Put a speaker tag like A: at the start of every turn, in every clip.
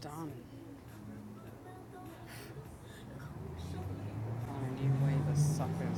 A: Done. On a new wave of suckers.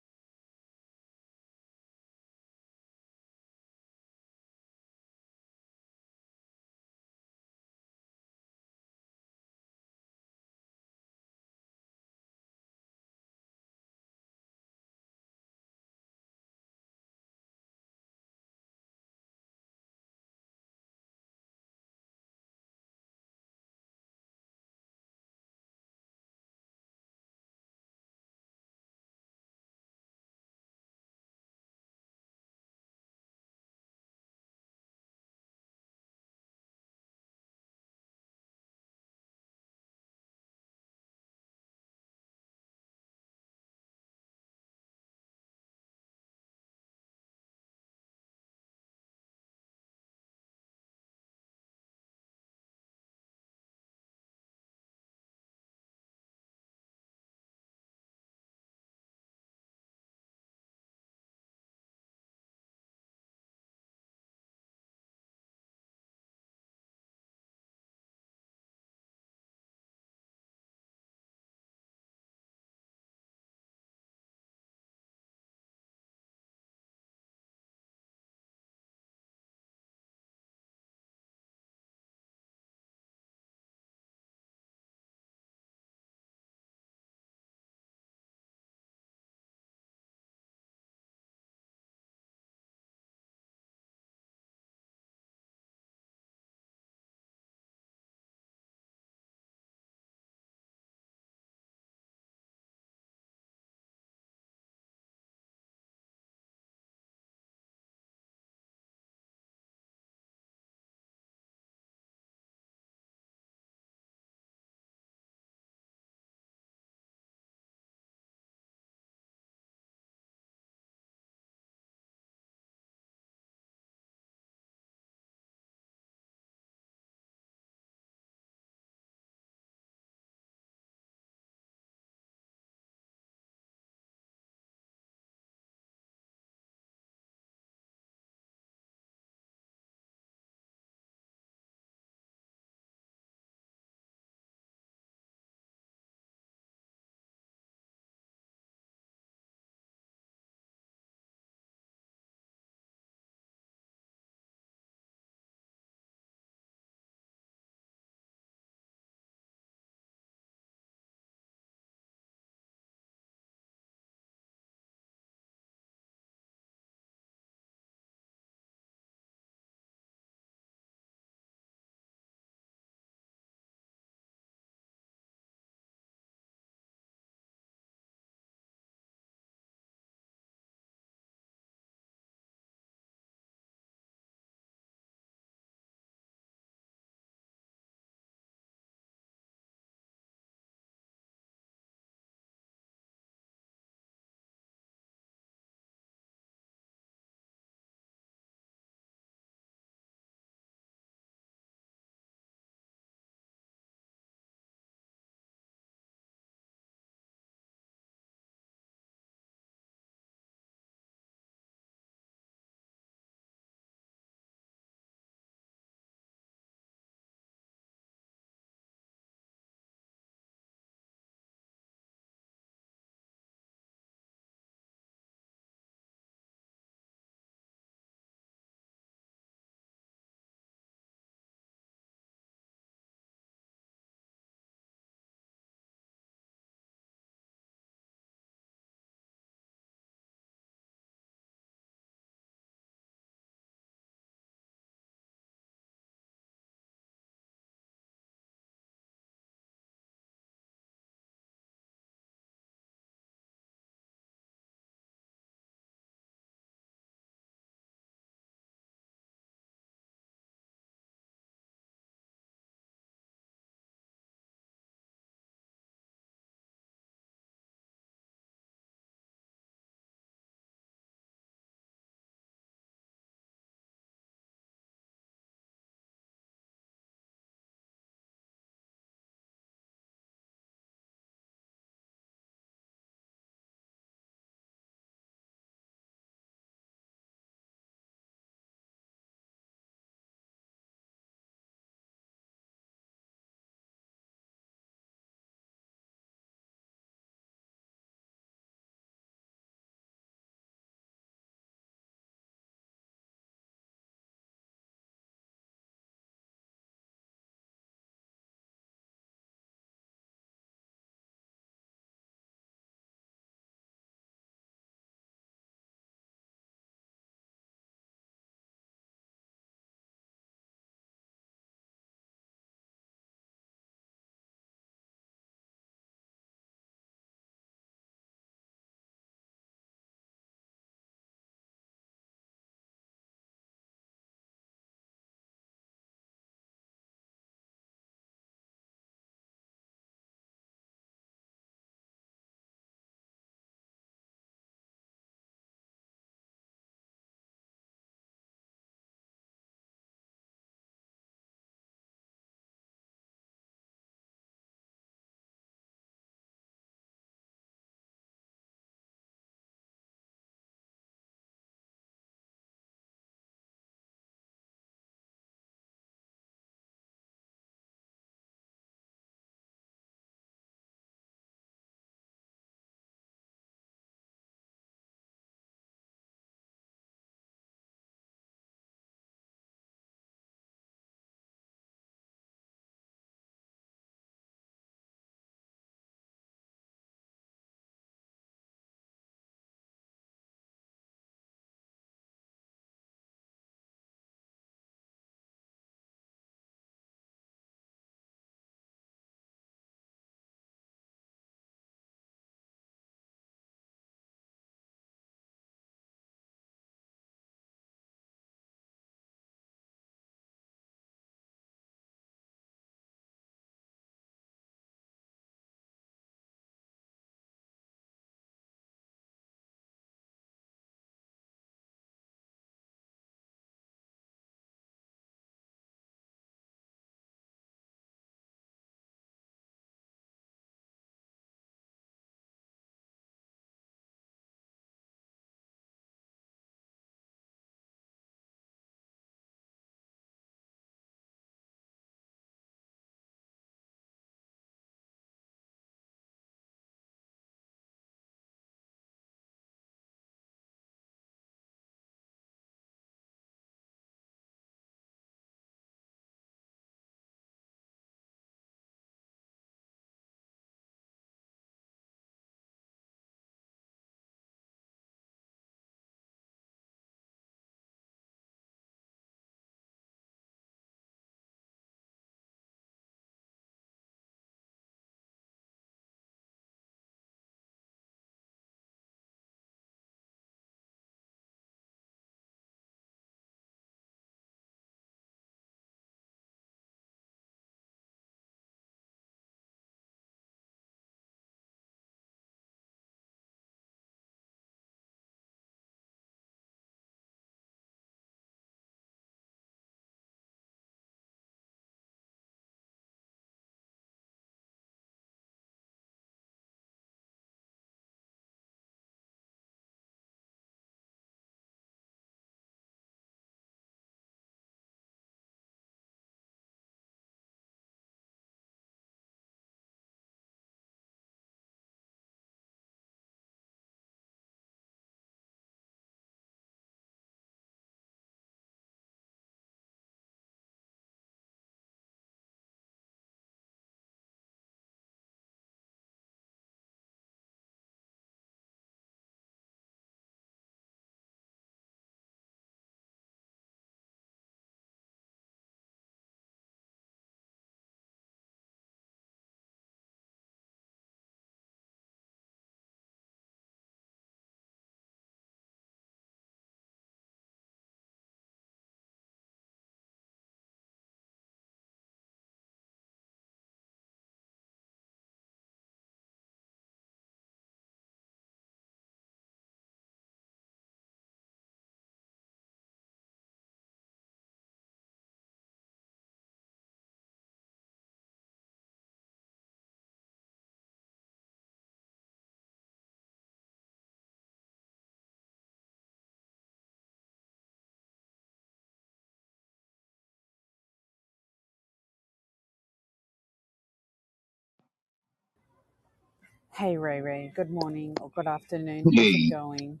A: Hey Ray Ray, good morning or good afternoon. How's it
B: Hey,
A: going?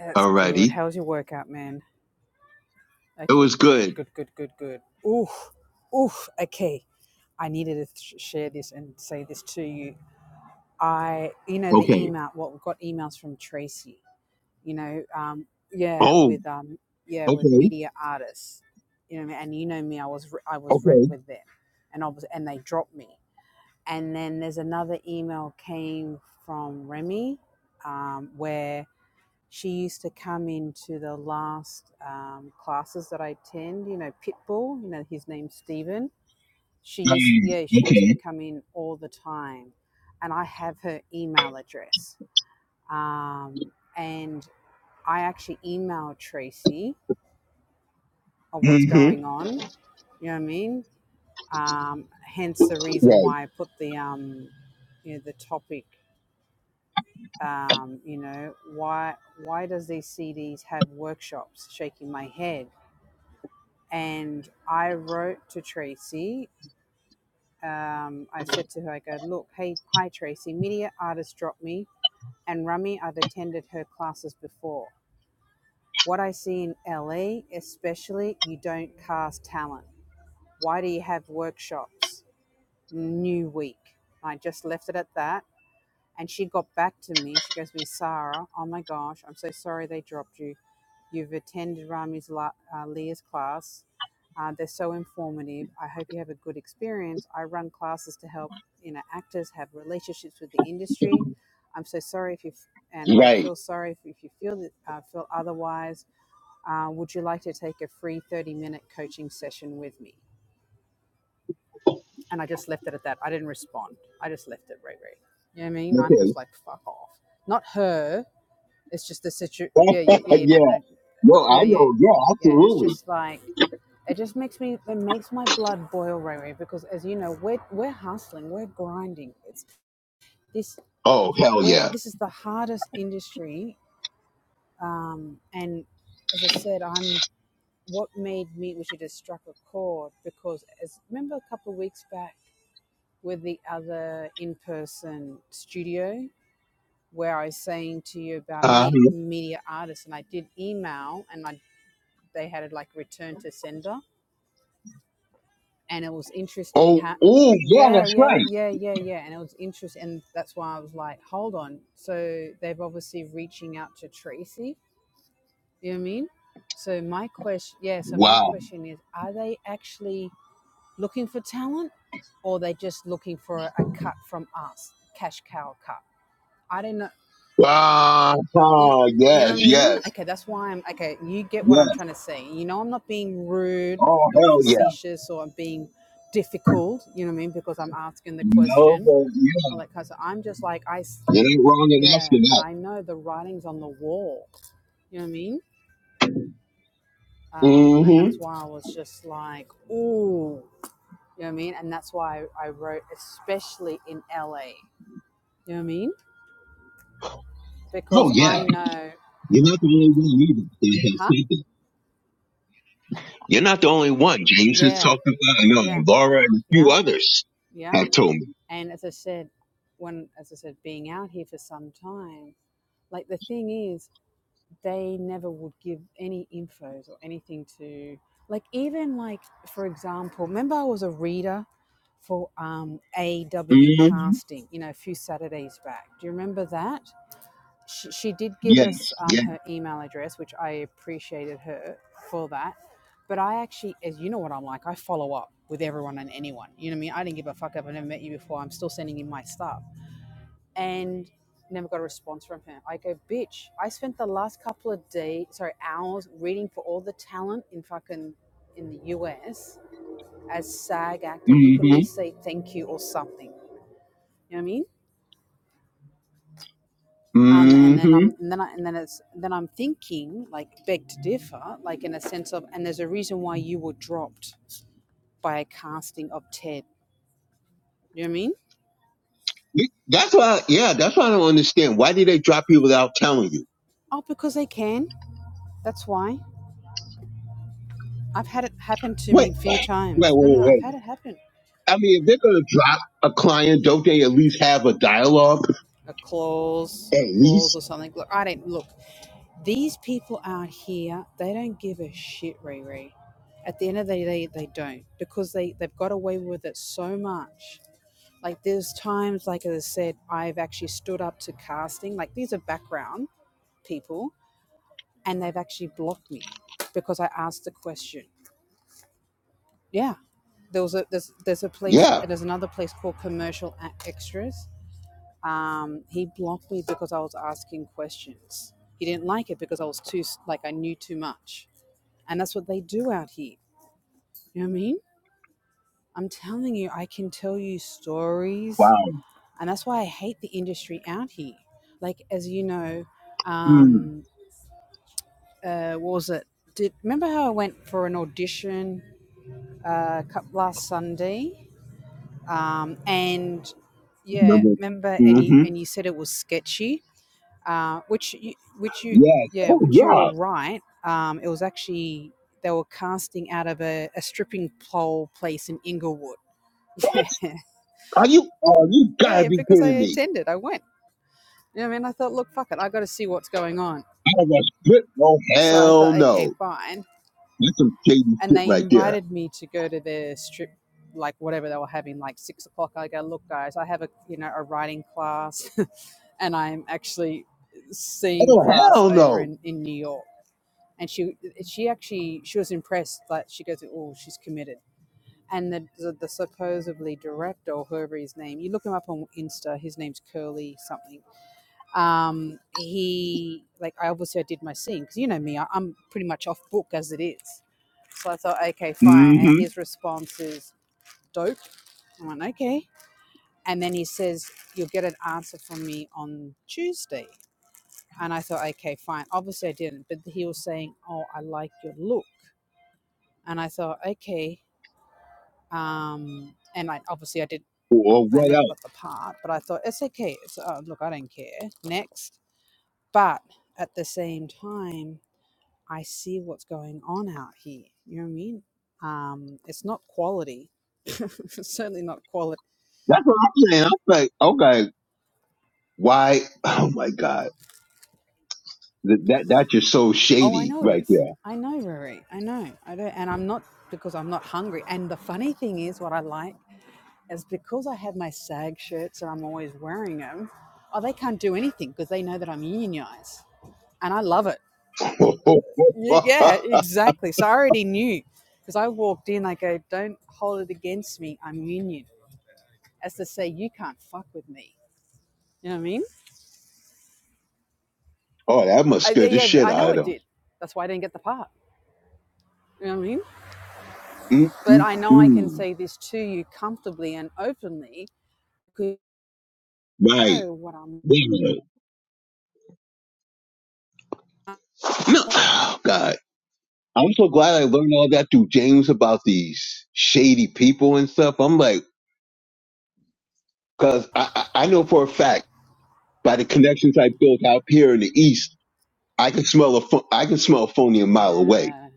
A: That's good.
B: alrighty.
A: How's your workout, man?
B: It
A: Okay,
B: was
A: good,
B: good.
A: good, good, good, good. Oof, oof. Okay, I needed to sh- share this and say this to you. I, you know, the
B: Okay.
A: email. What we got emails from Tracy. You know, um, yeah,
B: Oh,
A: with um, yeah, with
B: okay.
A: media artists. You know, and you know me. I was re- I was rep
B: Okay.
A: with them, and I was and they dropped me. And then there's another email came from Remy um, where she used to come into the last um, classes that I attend. You know, Pitbull. You know, his name's Stephen. She used,
B: Mm,
A: yeah, she used to
B: okay.
A: come in all the time, and I have her email address. Um, and I actually emailed Tracy of what's going
B: Mm-hmm.
A: on. You know what I mean? Um, hence the reason
B: Right.
A: why I put the um, you know, the topic um, you know why why does these cds have workshops shaking my head and i wrote to tracy um, i said to her i go look hey hi tracy media artist dropped me and Rummy. i've attended her classes before what i see in la especially you don't cast talent why do you have workshops new week i just left it at that And she got back to me. She goes, "We, Sarah. Oh my gosh, I'm so sorry they dropped you. You've attended Rami's la- uh, Leah's class. Uh, they're so informative. I hope you have a good experience. I run classes to help you know actors have relationships with the industry. I'm so sorry if you f- and I
B: Right.
A: feel sorry if, if you feel that, uh, feel otherwise. Uh, would you like to take a free 30 minute coaching session with me? And I just left it at that. I didn't respond. I just left it, Ray Ray. You know what I mean? I'm
B: Okay.
A: just like, fuck off. Not her. It's just the situation. Yeah, yeah, yeah, no,
B: yeah.
A: no.
B: No, I
A: Yeah, yeah,
B: know. Yeah,
A: yeah. It's
B: absolutely.
A: just like, it just makes me, it makes my blood boil, Ray Ray, because as you know, we're, we're hustling, we're grinding. It's this,
B: Oh, hell
A: we're,
B: yeah.
A: this is the hardest industry. Um, and as I said, I'm, what made me, which it has struck a chord, because as remember a couple of weeks back, with the other in person studio where I was saying to you about
B: Uh-huh.
A: med- media artists, and I did email and I, they had it like return to sender. And it was interesting
B: Oh,
A: how,
B: oh, yeah,
A: yeah,
B: that's
A: yeah,
B: right.
A: yeah, yeah, yeah. And it was interesting. And that's why I was like, hold on. So they've obviously reaching out to Tracy. You know what I mean? So my question, yeah, so my
B: Wow.
A: question is, are they actually looking for talent or are they just looking for a, a cut from us, cash cow cut? I don't know.
B: Ah,
A: you,
B: ah,
A: you know
B: yes,
A: what I mean?
B: yes,
A: Okay, that's why I'm okay. You get what I'm
B: yes.
A: trying to say. You know, I'm not being rude
B: Oh,
A: or
B: hell yeah.
A: facetious or I'm being difficult. You know what I mean? Because I'm asking the
B: No,
A: question,
B: but yeah,
A: all that kind of. Stuff. I'm just like I, s-
B: it ain't wrong in
A: yeah.
B: asking
A: But
B: that.
A: I know the writing's on the wall. You know what I mean? Um, and
B: Mm-hmm.
A: that's why I was just like, ooh. You know what I mean? And that's why I wrote, especially in LA. You know what I mean?
B: Oh,
A: Because
B: yeah.
A: I know,
B: You're not the only one either. that has
A: huh?
B: said that. You're not the only one. James has
A: Yeah,
B: talked about I know
A: yeah,
B: and Laura and a few
A: yeah,
B: others
A: yeah.
B: have told me.
A: And as I said, when as I said, being out here for some time, like the thing is, they never would give any infos or anything to like even like for example, remember I was a reader for um AW
B: Mm-hmm.
A: casting, you know, a few Saturdays back. Do you remember that? she, she did give
B: Yes,
A: us um,
B: yes.
A: her email address, which I appreciated her for that. But I actually, as you know what I'm like, I follow up with everyone and anyone. You know what I mean? I didn't give a fuck up. I never met you before. I'm still sending you my stuff. And never got a response from her. I go, bitch, I spent the last couple of days, sorry, hours reading for all the talent in fucking in the US as SAG actors. You could at
B: Mm-hmm.
A: least say thank you or something. You know what I mean? um, and then
B: Mm-hmm.
A: I'm and then I, and then it's then I'm thinking like beg to differ, like in a sense of and there's a reason why you were dropped by a casting of Ted. You know what I mean?
B: Yeah, That's why, yeah, that's why I don't understand. Why do they drop you without telling you?
A: Oh, because they can. That's why. I've had it happen to
B: Wait,
A: me a few
B: wait, wait,
A: times. No, no, no I've
B: wait. wait.
A: had it happen.
B: I mean, if they're going to drop a client, don't they at least have a dialogue?
A: A clause,
B: At
A: a clause
B: least?
A: or something. Look, I don't look. These people out here, they don't give a shit, Riri. At the end of the day, they don't because they, they've got away with it so much Like there's times, like as I said, I've actually stood up to casting. Like these are background people, and they've actually blocked me because I asked the question. Yeah, there was a there's there's a place
B: Yeah.
A: there's another place called Commercial Extras. Um, he blocked me because I was asking questions. He didn't like it because I was too like I knew too much, and that's what they do out here. You know what I mean? I'm telling you, I can tell you stories
B: Wow.
A: and that's why I hate the industry out here. Like as you know,
B: Mm.
A: um, uh, what was it? Did remember how I went for an audition uh, last Sunday? Um, and yeah,
B: Remember?
A: remember? And you
B: Mm-hmm.
A: and you said it was sketchy, uh, which you, which you
B: Yes.
A: yeah,
B: Oh,
A: which you were
B: yeah.
A: right. Um, it was actually they were casting out of a, a stripping pole place in Inglewood.
B: What?
A: yeah,
B: Are you, oh, you gotta
A: yeah,
B: be
A: because I
B: kidding me.
A: attended, I went. You know what I mean? I thought, look, fuck it, I got to see what's going on.
B: I was, oh,
A: So I
B: hell
A: thought, okay,
B: no.
A: fine.
B: That's some shady
A: And
B: shit
A: they
B: right there.
A: invited me to go to their strip, like whatever they were having, like six o'clock. I go, look, guys, I have a you know a writing class, and I'm actually seeing
B: Oh
A: class
B: hell
A: over
B: no.
A: in, in New York. And she she actually she was impressed. Like she goes, oh, she's committed. And the, the the supposedly director or whoever his name, you look him up on Insta. His name's Curly something. Um, he like I obviously I did my scene because you know me, I, I'm pretty much off book as it is. So I thought, okay, fine.
B: hmm
A: And his response is dope. I went, okay. And then he says, you'll get an answer from me on Tuesday. And I thought, okay, fine. Obviously, I didn't. But he was saying, oh, I like your look. And I thought, okay. Um, and I, obviously, I did.
B: Or
A: I
B: what
A: never
B: else?
A: got the part, but I thought it's okay. It's oh, look, I don't care. Next, but at the same time, I see what's going on out here. You know what I mean? Um, it's not quality. it's certainly not quality.
B: That's what I'm saying. I'm like, okay, why? Oh my god, that that that's just so
A: Oh, I
B: shady
A: know it
B: right
A: is.
B: there.
A: I know, Rory. I know. I don't, and I'm not because I'm not hungry. And the funny thing is, what I like is because I have my SAG shirts and I'm always wearing them. Oh, they can't do anything because they know that I'm unionized, and I love it. Y- Yeah, exactly. So I already knew because I walked in. I go, don't hold it against me. I'm union, as to say, you can't fuck with me. You know what I mean?
B: oh, that must
A: I, yeah,
B: scare the
A: yeah,
B: shit
A: I
B: out
A: know
B: of
A: it
B: them.
A: did. That's why I didn't get the part. You know what I mean? But I know I can
B: Mm-mm-mm.
A: say this to you comfortably and openly because you
B: Right.
A: know what I'm.
B: Yeah. No, oh, God. I'm so glad I learned all that through James about these shady people and stuff. I'm like, cause I, I I know for a fact by the connections I built out here in the East I can smell a pho- I can smell phony a mile away.
A: Yeah,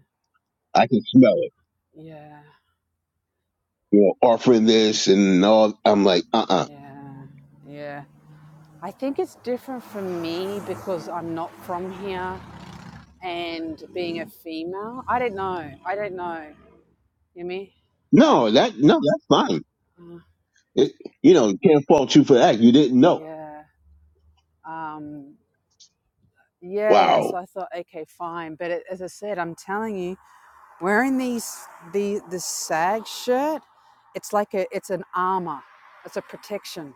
B: I can smell it.
A: yeah,
B: You know, offering this and all. I'm like, uh, uh
A: yeah, yeah. I think it's different for me because I'm not from here and being a female. I don't know. I don't know. You know me?
B: no, that no, that's fine.
A: Uh,
B: It, you know, can't fault you for that. You didn't know.
A: yeah. Um, yeah. So
B: Wow.
A: I thought, okay, fine. But it, as I said, I'm telling you, Wearing these the the sag shirt, it's like a it's an armor. It's a protection.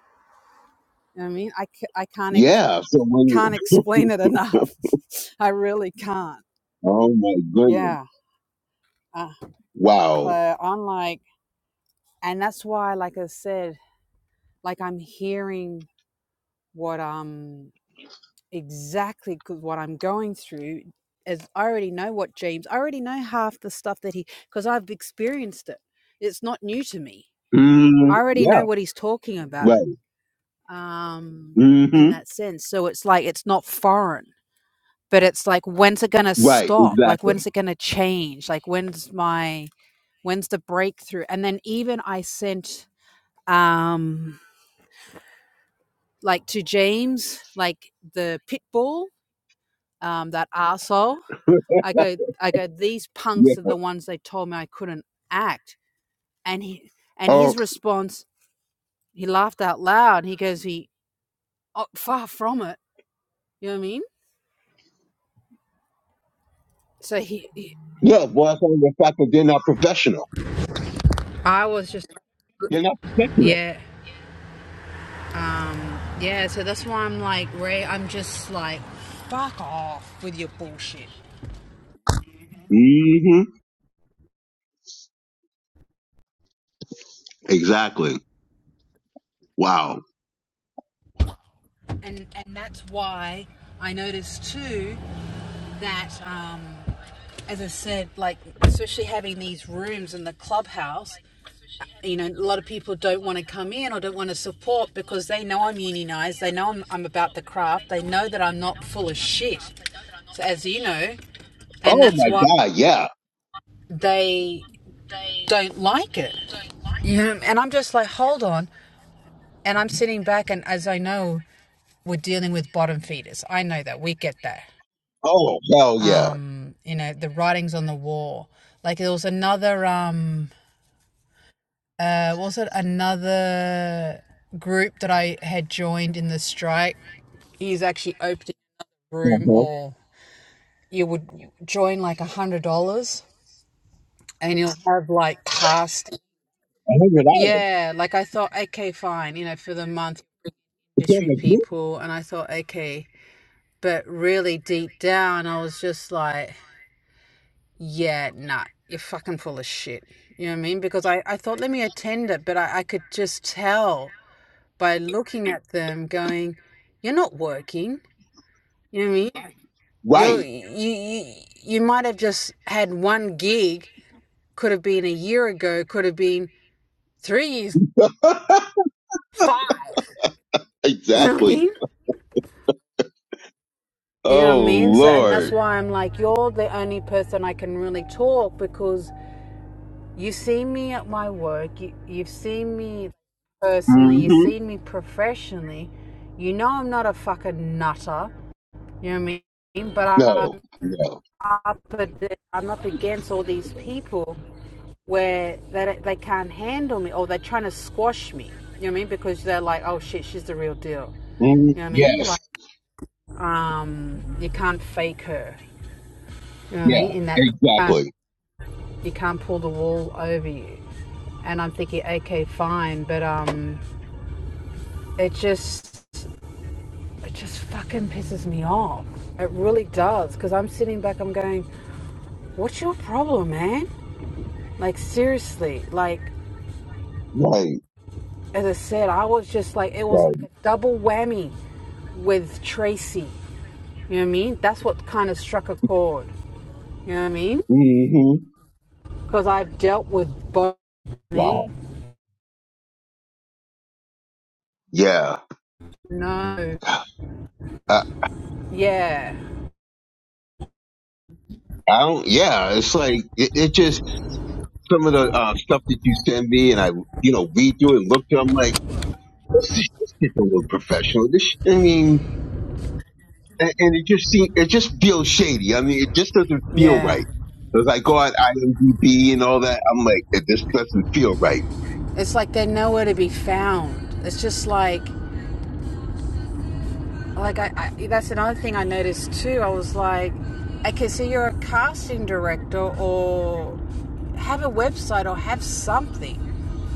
A: You know what I mean? I, I can't ex-
B: Yeah. So when you,
A: can't explain it enough. I really can't.
B: oh my goodness.
A: Yeah. Uh, so
B: Wow.
A: I'm like, and that's why, like I said, like I'm hearing what um exactly 'cause what I'm going through is I already know what James. I already know half the stuff that he because I've experienced it. It's not new to me.
B: Mm,
A: I already
B: yeah.
A: know what he's talking about.
B: Right.
A: um, in
B: hmm
A: that sense. So it's like it's not foreign, but it's like when's it gonna
B: Right.
A: stop? Like when's
B: Exactly.
A: it gonna change? Like when's my when's the breakthrough? And then even I sent um like to James like the pit bull, um, that arsehole. I go I go these
B: Yeah.
A: punks are the ones they told me I couldn't act, and he and
B: Oh,
A: his response he laughed out loud. He goes he oh, far from it. You know what I mean? So he, he
B: yeah. Well, that's only the fact that they're not professional.
A: I was just
B: They're not professional.
A: Yeah. Yeah, so that's why I'm like, Ray, I'm just like, fuck off with your bullshit.
B: hmm Exactly. Wow.
A: And and that's why I noticed too that um as I said, like especially having these rooms in the clubhouse, you know, a lot of people don't want to come in or don't want to support because they know I'm unionized, they know I'm, I'm about the craft, they know that I'm not full of shit. So as you know, and
B: Oh
A: that's
B: my
A: why
B: God. Yeah.
A: they don't like it. You know, and I'm just like, hold on. And I'm sitting back, and as I know, we're dealing with bottom feeders. I know that. We get that.
B: Oh hell yeah.
A: Um, you know, the writings on the wall. Like there was another, um, uh, was it another group that I had joined in the strike? He's actually opening a room,
B: Uh-huh.
A: or you would join like a hundred dollars, and you'll have like cast.
B: $100.
A: Yeah, like I thought, okay, fine, you know, for the month industry
B: Become a group?
A: people and I thought, okay, but really deep down I was just like, yeah, nah, you're fucking full of shit. You know what I mean? Because I, I thought let me attend it, but I, I could just tell by looking at them going, You're not working. You know what I mean? You're
B: Right.
A: you you, you might have just had one gig, could have been a year ago, could have been three years, five. You know what I mean?
B: Exactly.
A: You know
B: Oh,
A: what I mean? So, and that's
B: Lord.
A: why I'm like, you're the only person I can really talk because you see me at my work, you, you've seen me personally, you've
B: hmm
A: seen me professionally. You know I'm not a fucking nutter. You know what I mean? But
B: No,
A: I'm
B: no.
A: up, I'm up against all these people where they, they can't handle me or they're trying to squash me. You know what I mean? Because they're like, oh shit, she's the real deal.
B: hmm
A: You know what I mean? Like,
B: Yes.
A: um, you can't fake her. You know what I
B: Yeah,
A: mean? In that you can't,
B: exactly.
A: you can't pull the wall over you. And I'm thinking, okay, fine, but um, it just it just fucking pisses me off. It really does, because I'm sitting back, I'm going, what's your problem, man? Like seriously, like
B: Right,
A: as I said, I was just like it was
B: right.
A: like a double whammy with Tracy. You know what I mean? That's what kind of struck a chord. You know what I mean?
B: hmm
A: Because I've dealt with both. Me,
B: Wow. Yeah.
A: no.
B: I, I
A: Yeah.
B: don't, yeah, it's like, it, it just, some of the uh, stuff that you send me and I, you know, read through and look through, I'm like, this, is, this gets a little professional. This, sh- I mean, and, and it just seems, it just feels shady. I mean, it just doesn't feel
A: Yeah.
B: right. It was like, oh, at IMDb and all that. I'm like, it just doesn't feel right.
A: It's like they're nowhere to be found. It's just like, like I, I that's another thing I noticed too. I was like, okay, so you're a casting director or have a website or have something.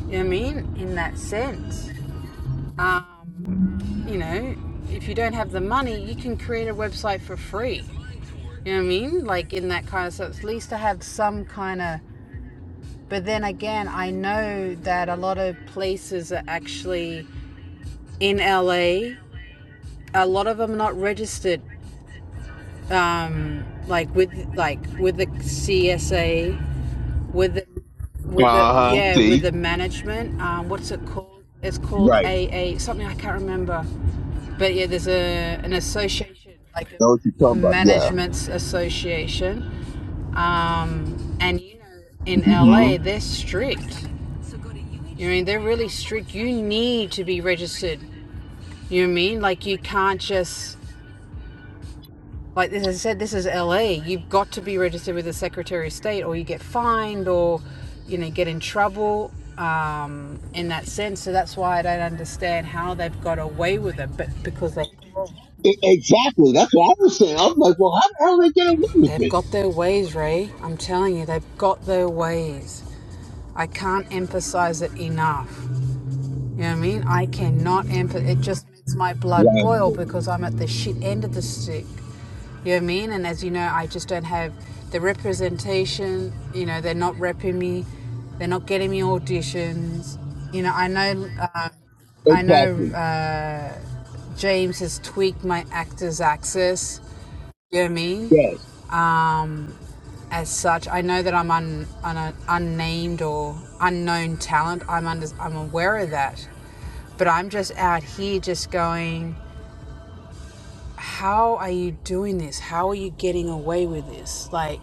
A: You know what I mean? In that sense. Um, you know, if you don't have the money, you can create a website for free. You know what I mean? Like in that kind of sense. At least I have some kind of. But then again, I know that a lot of places are actually in LA, a a lot of them are not registered, um, like with like with the CSA, with the
B: Uh
A: with the
B: huh.
A: yeah with the
B: See,
A: management. Um, what's it called? It's called
B: right.
A: a a something I can't remember. But yeah, there's a an association like
B: Know what you're
A: a
B: talking about? Yeah.
A: management's association, um, and you know in
B: hmm
A: LA they're strict. You know, what I mean they're really strict. You need to be registered. You know what I mean like you can't just Like as I said, this is LA. You've got to be registered with the Secretary of State, or you get fined, or you know get in trouble um, in that sense. So that's why I don't understand how they've got away with it, but because they
B: E- Exactly. That's what I was saying. I was like, well, how the hell they get away with
A: they've
B: this?
A: got their ways, Ray. I'm telling you, they've got their ways. I can't emphasize it enough. You know what I mean? I cannot empathize. It just makes my blood boil
B: Wow.
A: because I'm at the shit end of the stick. You know what I mean? And as you know, I just don't have the representation. You know, they're not repping me. They're not getting me auditions. You know, I know, uh, I know
B: Exactly.
A: uh, James has tweaked my actor's access. You know what I mean?
B: Yes.
A: Um, as such. I know that I'm un, un, unnamed or unknown talent. I'm under, I'm aware of that, but I'm just out here just going. How are you doing this? How are you getting away with this? Like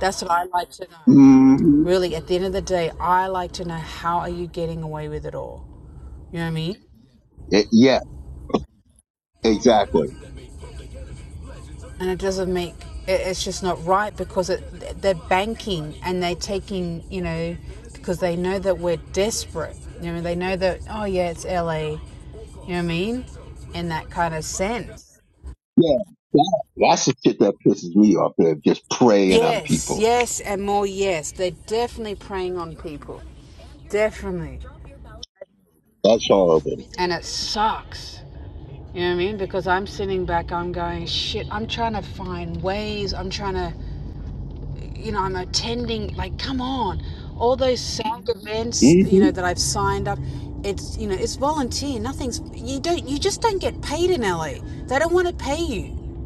A: that's what I like to know.
B: hmm
A: Really, at the end of the day, I like to know how are you getting away with it all. You know what I mean?
B: yeah. Exactly.
A: and it doesn't make it's just not right because it, they're banking and they're taking you know because they know that we're desperate you know they know that oh yeah it's la you know what i mean in that kind of sense
B: Yeah. That, That's the shit that pisses me off. They're just preying on
A: yes
B: people.
A: yes and more yes they're definitely preying on people definitely
B: That's horrible.
A: and it sucks you know what i mean because i'm sitting back i'm going shit i'm trying to find ways i'm trying to you know, I'm attending, like, come on, all those SAG events,
B: hmm
A: you know, that I've signed up. It's, you know, it's volunteer. Nothing's, you don't, you just don't get paid in LA. They don't want to pay you.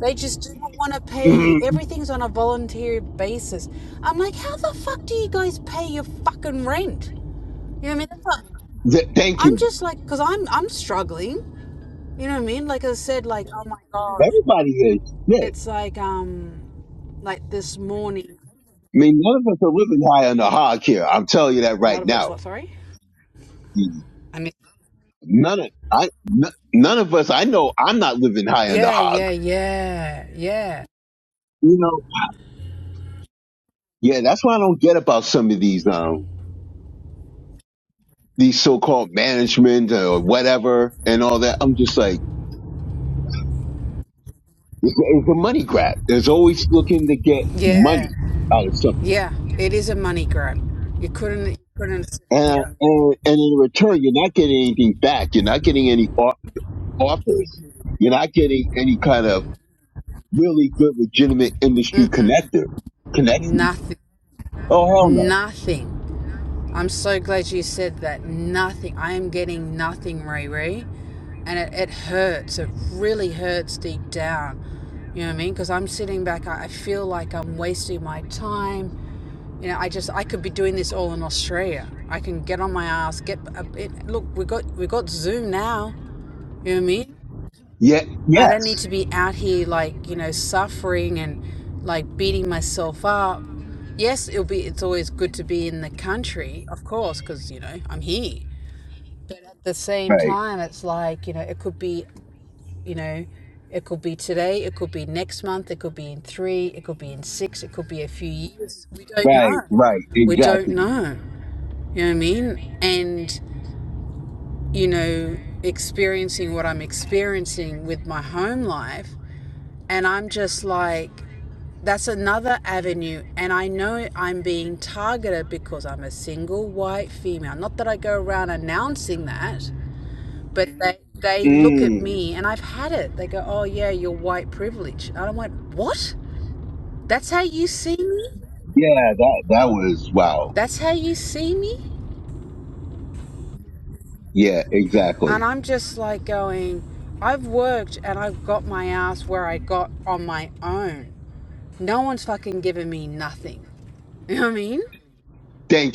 A: They just do not want to pay you.
B: hmm
A: Everything's on a voluntary basis. I'm like, how the fuck do you guys pay your fucking rent? You know what I mean? That's not,
B: Th- thank
A: I'm
B: you.
A: just like, cause I'm, I'm struggling. You know what I mean? Like I said, like, oh my gosh,
B: Everybody is. Yeah. I
A: it's like, um, like this morning,
B: mean, none of us are living high on the hog here. I'm telling you that
A: a
B: right
A: lot of it's
B: now.
A: what? Sorry. I mean.
B: None of I, n- none of us. I know I'm not living high on the
A: Yeah,
B: hog.
A: yeah, yeah, yeah,
B: You know. Yeah, that's why I don't get about some of these um these so-called management or whatever and all that. I'm just like, it's a money grab. It's always looking to get
A: yeah,
B: money out of something,
A: yeah. It is a money grab. You couldn't, you couldn't.
B: and
A: Yeah.
B: and and in return, you're not getting anything back. You're not getting any o- offers. You're not getting any kind of really good, legitimate industry
A: Mm-mm.
B: connector connections.
A: Nothing.
B: Oh hell no.
A: Nothing. I'm so glad you said that. Nothing. I am getting nothing, Riri, and it, it hurts. It really hurts deep down. You know what I mean? Because I'm sitting back. I, I feel like I'm wasting my time. You know, I just I could be doing this all in Australia. I can get on my ass. Get uh, it, look. We got we got Zoom now You know what I mean?
B: Yeah.
A: I don't need
B: Yes.
A: to be out here like, you know, suffering and like beating myself up. Yes, it'll be it's always good to be in the country, of course, cuz you know, I'm here. But at the same
B: Right.
A: time, it's like, you know, it could be, you know, it could be today, it could be next month, it could be in 3, it could be in 6, it could be a few years. We don't
B: Right.
A: know.
B: Right.
A: We don't
B: Exactly.
A: know. You know what I mean? And, you know, experiencing what I'm experiencing with my home life And I'm just like, that's another avenue. And I know I'm being targeted because I'm a single white female. Not that I go around announcing that, but they, they look at
B: Mm.
A: me and I've had it. They go, oh, yeah, you're white privilege. And I went, what? That's how you see me?
B: Yeah. That that was wow.
A: That's how you see me?
B: Yeah.
A: And
B: Exactly.
A: I'm just like going, I've worked and I've got my ass where I got on my own. No one's fucking giving me nothing. You know what I mean?
B: Thank.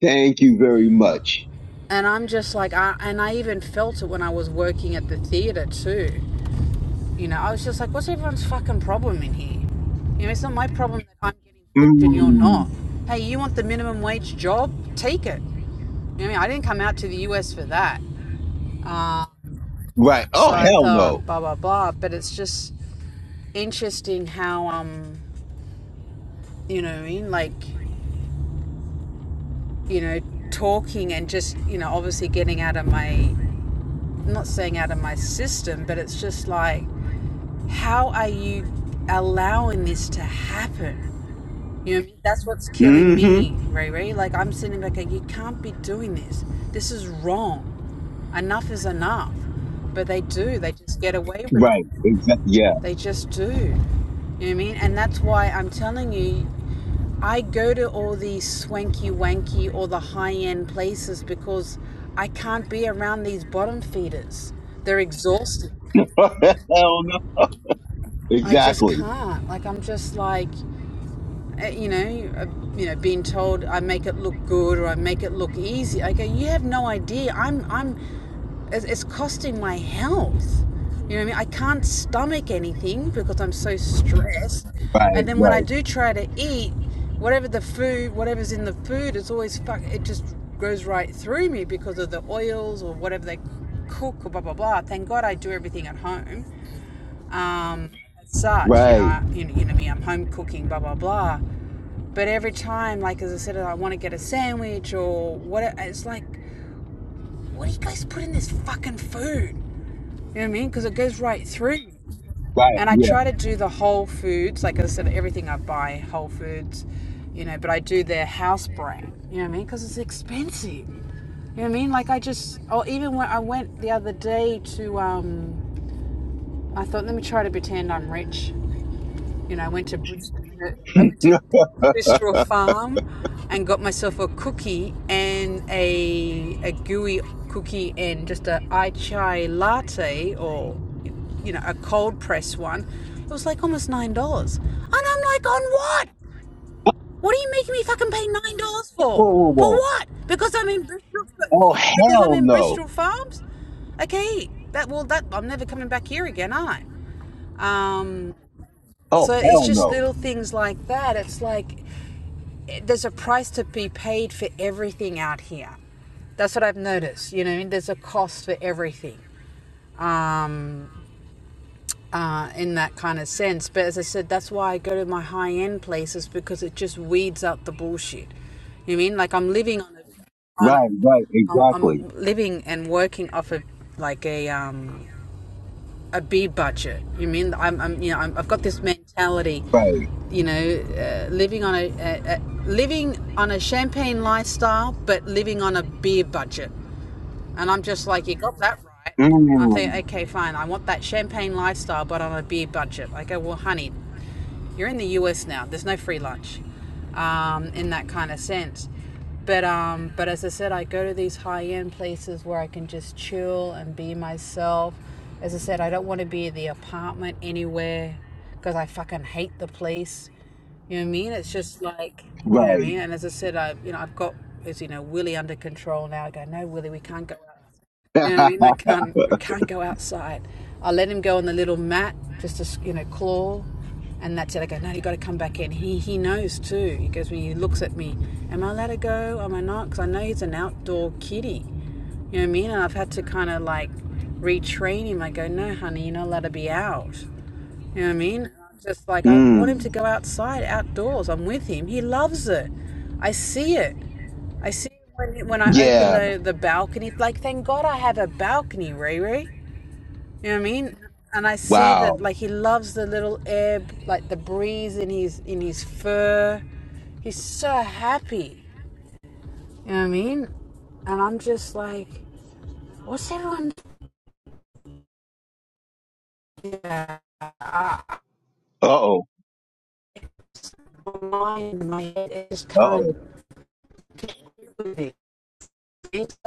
B: Thank you very much.
A: And I'm just like, I, and I even felt it when I was working at the theater too. You know, I was just like, what's everyone's fucking problem in here? You know, it's not my problem that I'm getting booked and you're
B: Mm.
A: not. Hey, you want the minimum wage job? Take it. You know, what I mean, I didn't come out to the US for that. Uh,
B: Right. Oh
A: so I
B: hell no.
A: thought, blah, blah, blah. But it's just interesting how, um, you know, what I mean, like, you know, talking and just, you know, obviously getting out of my, I'm not saying out of my system, but it's just like, How are you allowing this to happen? You know, what I mean? that's what's killing
B: hmm
A: me, Ray Ray. Like I'm sitting back, and you can't be doing this. This is wrong. Enough is enough. But they do. They just get away with it.
B: Right. Exactly. Yeah.
A: They just do. You know what I mean? And that's why I'm telling you, I go to all these swanky wanky or the high end places because I can't be around these bottom feeders. They're exhausted.
B: hell no.
A: I just
B: Exactly.
A: can't. Like I'm just like uh, you know, uh, you know, being told I make it look good or I make it look easy. I go, you have no idea. I'm, I'm, it's, costing my health. You know what I mean? I can't stomach anything because I'm so stressed.
B: Right.
A: And then when I
B: Right.
A: do try to eat, whatever the food, whatever's in the food, it's always fuck. It just goes right through me because of the oils or whatever they cook or blah blah blah. Thank God I do everything at home. Um, as such, you know,
B: Right.
A: you know, you know me, I'm home cooking, blah blah blah. But every time, like as I said, I want to get a sandwich or what, it's like, what do you guys put in this fucking food? You know what I mean? Because it goes right through.
B: Right.
A: And I
B: Yeah.
A: try to do the Whole Foods, like I said, everything I buy, Whole Foods, you know, but I do their house brand. You know what I mean? Because it's expensive. You know what I mean? Like I just, or even when I went the other day to, um, I thought, let me try to pretend I'm rich You know, I went to Bridge- I went to Bristol Farm and got myself a cookie and a a gooey cookie and just a ai chai latte or you know a cold press one. It was like almost nine dollars, and I'm like, on what? What are you making me fucking pay nine dollars for?
B: whoa. Whoa.
A: For
B: Whoa.
A: what? Because I'm in Bristol.
B: Oh
A: Yeah, because I'm
B: hell
A: in
B: no.
A: Bristol Farms. Okay, that well, that I'm never coming back here again, are I? Um,
B: Oh
A: so it's
B: hell
A: just
B: no.
A: little things like that. It's like eh, there's a price to be paid for everything out here. That's what I've noticed. You know, there's a cost for everything um, uh, in that kind of sense. But as I said, that's why I go to my high end places because it just weeds out the bullshit. You know what I mean like I'm living on a, on
B: Right, right,
A: I'm,
B: exactly.
A: I'm living and working off of like a um a big budget. You mean I'm, I'm you know, I'm, I've got this mentality,
B: Right.
A: you know, uh, living on a, a, a living on a champagne lifestyle, but living on a beer budget. And I'm just like, you got that right. I'm thinking,
B: Mm,
A: okay, fine. I want that champagne lifestyle, but on a beer budget. I go, well, honey, you're in the U.S. now. There's no free lunch, um, in that kind of sense. But um, but as I said, I go to these high-end places where I can just chill and be myself. As I said, I don't want to be in the apartment anywhere because I fucking hate the place. You know what I mean? It's just like, you know what I
B: right.
A: mean? And as I said, I, you know, I've got, as you know, Willie under control now. I go, no, Willie, we can't go out you know what I mean? I can't. We can't go outside. I let him go on the little mat just to you know claw, and that's it. I go, no, you got to come back in. He he knows too. He goes when he looks at me, am I allowed to go? Am I not? Because I know he's an outdoor kitty. You know what I mean? And I've had to kind of like retrain him. I go, no, honey, you're not allowed to be out. You know what I mean? I'm Just like I
B: mm,
A: want him to go outside, outdoors. I'm with him. He loves it. I see it. I see it when when I open
B: yeah.
A: the the balcony. Like thank God I have a balcony, Riri. You know what I mean? And I see
B: Wow.
A: that like he loves the little air, like the breeze in his in his fur. He's so happy. You know what I mean? And I'm just like, what's everyone doing?
B: Uh oh.
A: My mind, my head, I just
B: Uh
A: can't
B: oh.
A: get with it. It's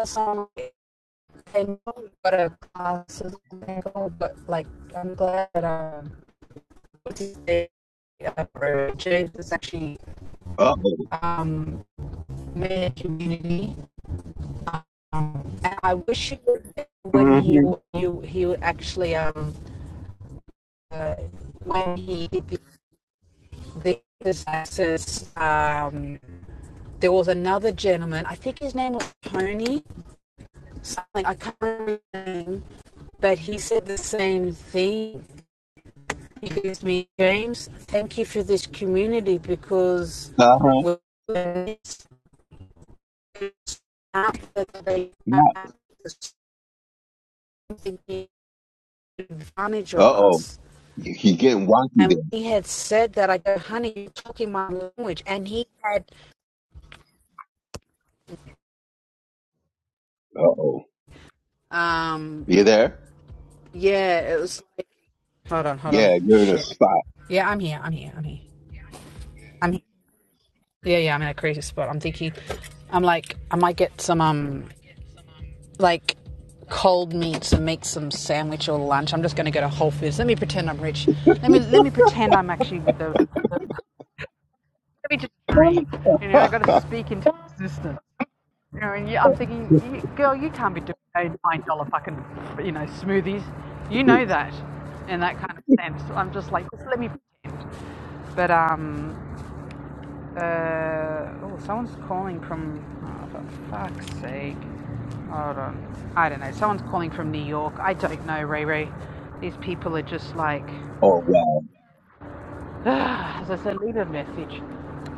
A: I know what a cost is gonna go, but like I'm glad that um what's uh, James is actually
B: Uh oh.
A: um made a community. Um, and I wish he would when he
B: Mm-hmm.
A: you he would actually um uh, when he did the the um there was another gentleman I think his name was Tony something I can't remember his name, but he said the same thing Excuse me, James. Thank you for this community because
B: Uh huh.
A: when it's out they
B: Yeah.
A: are taking advantage of
B: Uh oh.
A: us.
B: You, you're getting wonky there.
A: And he had said that I go, honey, you're talking my language. And he had,
B: Uh oh.
A: um,
B: You there?
A: yeah, it was like, hold on, hold on,
B: Yeah, you're in a
A: shit.
B: spot.
A: Yeah, I'm here, I'm here, I'm here. I'm here. Yeah, yeah, I'm in a crazy spot. I'm thinking, I'm like, I might get some, um, like cold meats and make some sandwich or lunch. I'm just going to go to Whole Foods. Let me pretend I'm rich. Let me let me pretend I'm actually with the. Let me just breathe. You know, I got to
B: oh
A: speak into existence. You know, and you, I'm thinking, you, girl, you can't be doing nine dollar fucking you know smoothies. You know that, and that kind of sense. I'm just like, just let me pretend. But um, Uh, oh, someone's calling from. Oh, for fuck's sake. Hold on. I don't know. Someone's calling from New York. I don't know, Ray Ray. These people are just like.
B: wow.
A: ugh, as I said, leave a message.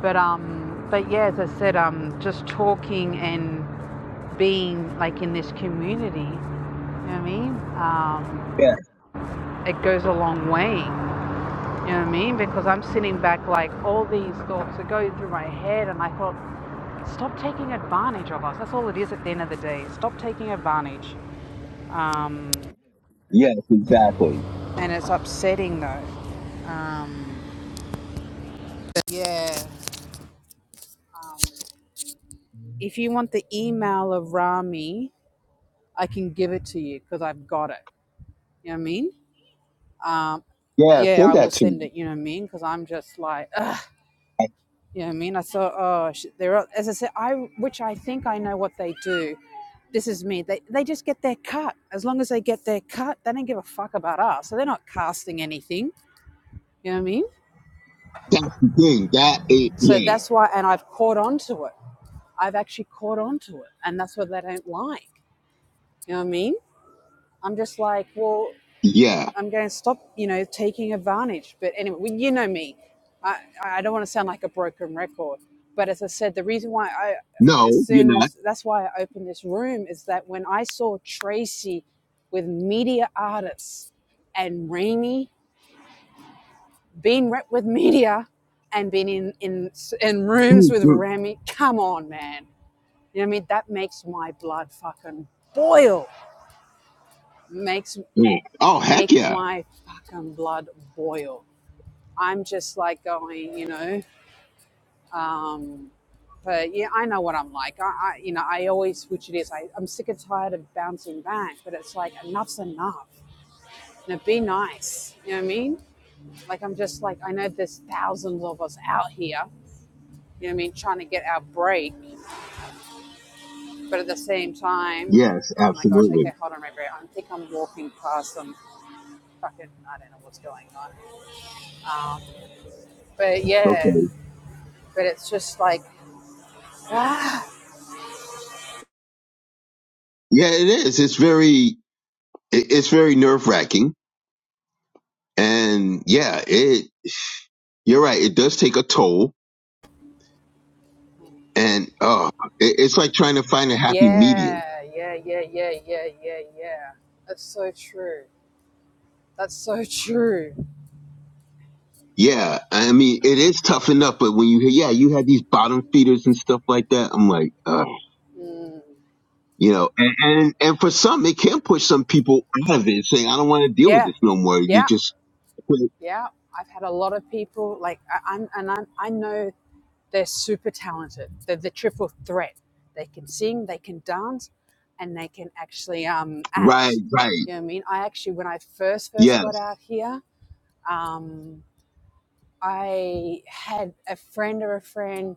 A: But, um, but yeah, as I said, um, just talking and being like in this community, you know what I mean? Um,
B: Yeah.
A: it goes a long way. You know what I mean? Because I'm sitting back like all these thoughts are going through my head and I thought, stop taking advantage of us. That's all it is at the end of the day. Stop taking advantage. Um,
B: Yes, exactly.
A: and it's upsetting though. Um, but yeah. If you want the email of Rami, I can give it to you because I've got it. You know what I mean? Um,
B: Yeah,
A: yeah,
B: say
A: I will
B: that to me.
A: send it. You know what I mean? Because I'm just like, ugh. You know what I mean, I thought, oh, sh- they're all- as I said, I which I think I know what they do. This is me. They they just get their cut. As long as they get their cut, they don't give a fuck about us. So they're not casting anything. You know what I mean?
B: That's the thing. That ain't
A: So
B: yeah.
A: that's why, and I've caught on to it. I've actually caught on to it, and that's what they don't like. You know what I mean? I'm just like, well,
B: Yeah.
A: I'm going to stop, you know, taking advantage. But anyway, well, you know me. I, I don't want to sound like a broken record. But as I said, the reason why I,
B: No,
A: as
B: you're
A: soon
B: not.
A: as, that's why I opened this room is that when I saw Tracy with media artists and Rainey being rep with media and being in, in, in rooms
B: Mm,
A: with
B: mm,
A: Remy, come on, man. You know what I mean? That makes my blood fucking boil. Makes,
B: mm. Oh heck
A: makes
B: yeah.
A: my fucking blood boil I'm just like going, you know. Um, but yeah, I know what I'm like. I, I you know, I always, which it is, I, I'm sick and tired of bouncing back, but it's like enough's enough. You know, be nice. You know what I mean? Like, I'm just like, I know there's thousands of us out here, you know what I mean, trying to get our break, but at the same time,
B: Yes,
A: oh my gosh, okay,
B: absolutely.
A: hold on, right, right. I think I'm walking past some fucking, I don't know what's going on. Um, but
B: Okay.
A: yeah, but it's just like, ah.
B: Yeah, it is. It's very, it- it's very nerve wracking, and yeah, it. You're right. It does take a toll, and uh, it, it's like trying to find a happy medium.
A: Yeah, yeah, yeah, yeah, yeah, yeah, yeah. That's so true. That's so true.
B: Yeah, I mean, it is tough enough, but when you hear, yeah, you have these bottom feeders and stuff like that, I'm like, uh,
A: Mm.
B: you know, and, and and for some, it can push some people out of it, saying, I don't want to deal with
A: Yeah,
B: this no more. You
A: yeah,
B: just quit.
A: yeah. I've had a lot of people like I, I'm, and I'm, I know they're super talented. They're the triple threat. They can sing, they can dance, and they can actually um,
B: Right,
A: act.
B: right.
A: You know what I mean? I actually, when I first first got out
B: Yes.
A: here, um, I had a friend of a friend.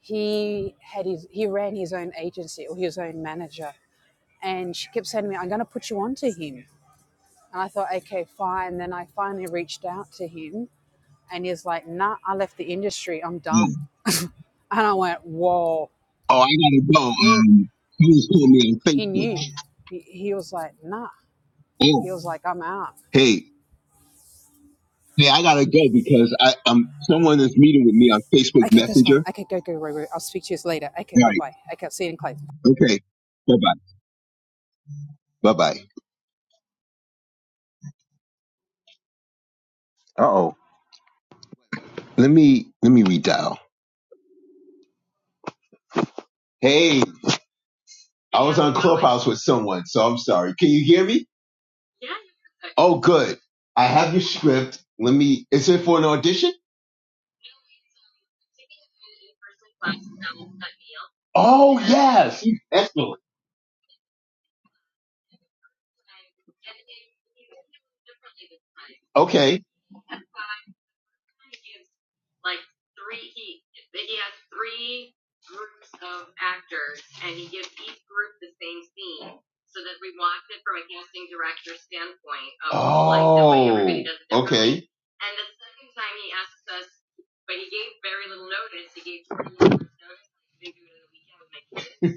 A: He had his he ran his own agency or his own manager, and she kept saying to me, "I'm going to put you on to him." And I thought, okay, fine. Then I finally reached out to him, and he's like, "Nah, I left the industry. I'm done." And I went, "Whoa!"
B: Oh, I gotta go.
A: And he,
B: Um, you just called me on
A: he
B: Facebook.
A: knew. He, he was like, "Nah."
B: Oh,
A: He was like, "I'm out."
B: hey, hey, I gotta go because I, um, someone is meeting with me on Facebook
A: Okay, that's fine.
B: Messenger.
A: Okay, go go go. go. I'll speak to you later. Okay,
B: All
A: bye
B: right.
A: bye. Okay, I'll see you in class.
B: Okay. Bye bye. Bye bye. Uh oh. Let me let me redial. Hey, I was on Clubhouse with someone, so I'm sorry. Can you hear me? Oh, good. I have your script. Let me. Is it for an audition? Oh yes. Excellent. Okay. So that we want it from a casting director standpoint. Of, Oh. like, that way everybody does it differently. Okay.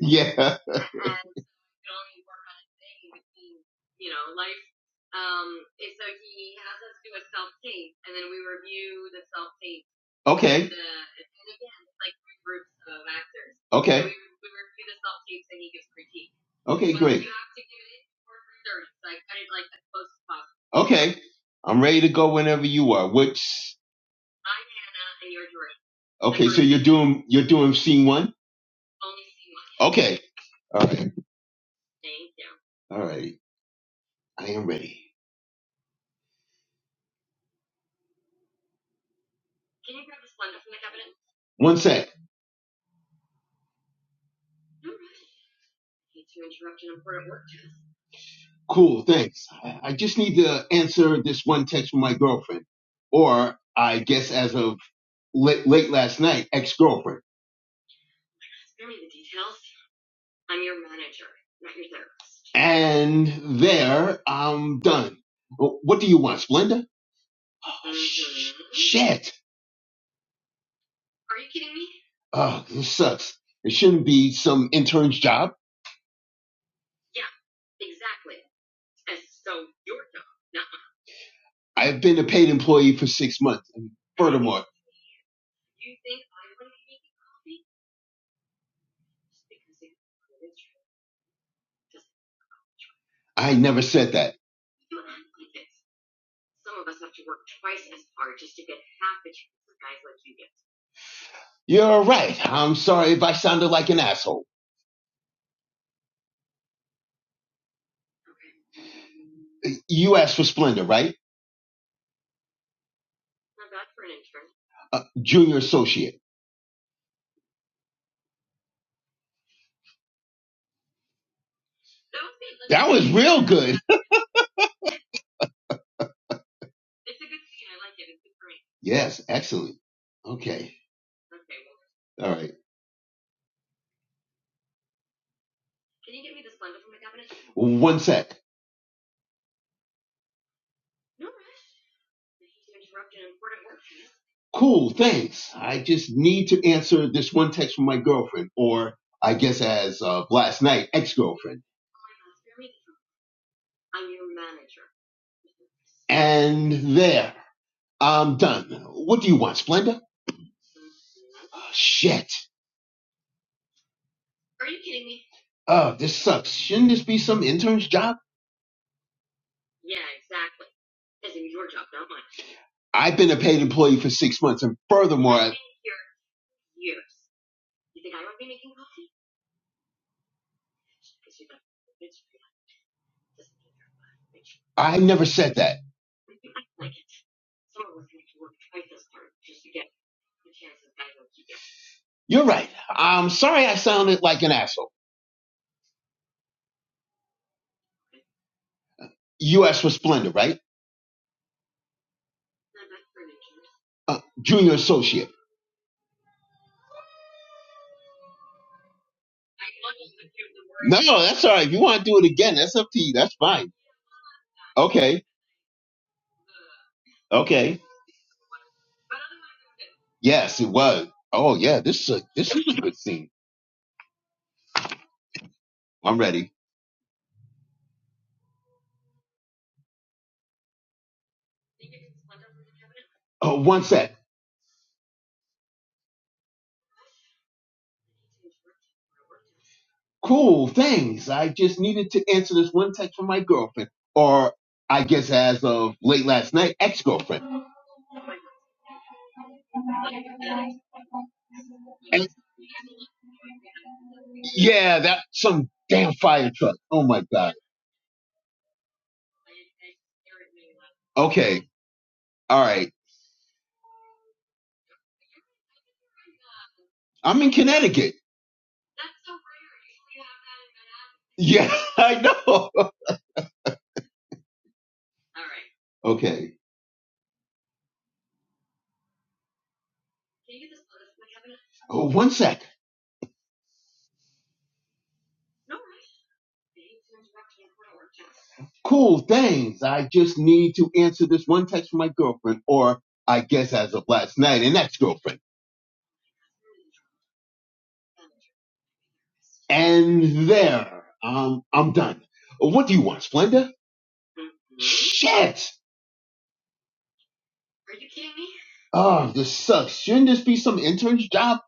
B: Yeah. Okay. And, you know, Okay. So Okay. Great. to give it. in? Okay. I'm ready to go whenever you are. Which? Okay. So you're doing you're doing scene one. scene one. Okay. All right. All right. I am ready. One sec. Cool. Thanks. I I just need to answer this one text from my girlfriend, or I guess as of late, late last night, ex girlfriend. And there I'm done. What do you want, Splenda? Oh, sh- shit. Oh, this sucks. It shouldn't be some intern's job. I've been a paid employee for six months. And furthermore, I never said that. You're right. I'm sorry if I sounded like an asshole. You asked for Splenda, right? Uh, junior associate. That was real good. Yes, excellent. Okay. All right. One sec. cool, thanks. I just need to answer this one text from my girlfriend, or I guess as of last night, ex-girlfriend. And there, I'm done. What do you want, Splenda? Oh, Shit. Oh, this sucks. Shouldn't this be some intern's job? I've been a paid employee for six months, and furthermore, I I never said that. You're right. I'm sorry I sounded like an asshole. U.S. for Splenda, right? Uh, junior associate. No, no, that's all right. If you want to do it again, that's up to you. That's fine. Okay. Okay. Yes, it was. Oh yeah, this is a, this is a good scene. I'm ready. Oh, one sec. Cool. Thanks. I just needed to answer this one text from my girlfriend, or I guess as of late last night, ex-girlfriend. And yeah, that some damn fire truck. Oh my god. Okay. All right. I'm in Connecticut. Yeah, I know. Okay. Oh, one sec. Cool. Thanks. I just need to answer this one text from my girlfriend, or I guess as of last night, an ex-girlfriend. And there. Um, I'm done. What do you want, Splenda? Shit! Oh, this sucks. Shouldn't this be some intern's job?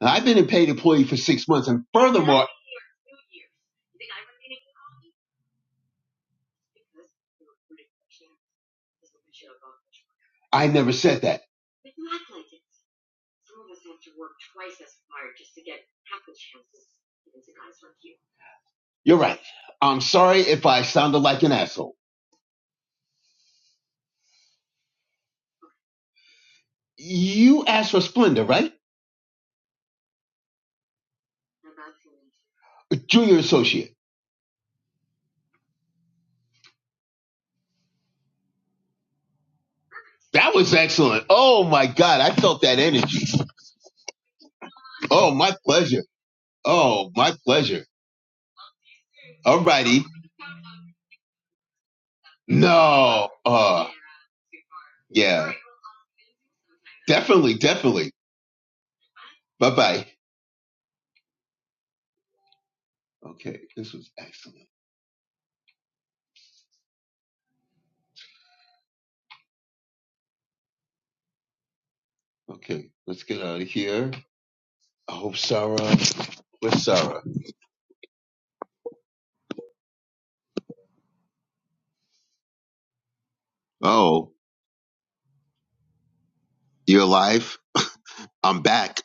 B: I've been a paid employee for six months, and furthermore, I never said that. You're right. I'm sorry if I sounded like an asshole. You asked for Splenda, right? Junior associate. That was excellent. Oh my God. I felt that energy. Oh, my pleasure. Oh, my pleasure. Alrighty. No. Uh, yeah. Definitely. Definitely. Bye bye. Okay. This was excellent. Okay. Let's get out of here. I hope Sarah. Where's Sarah? Oh, you're alive? I'm back.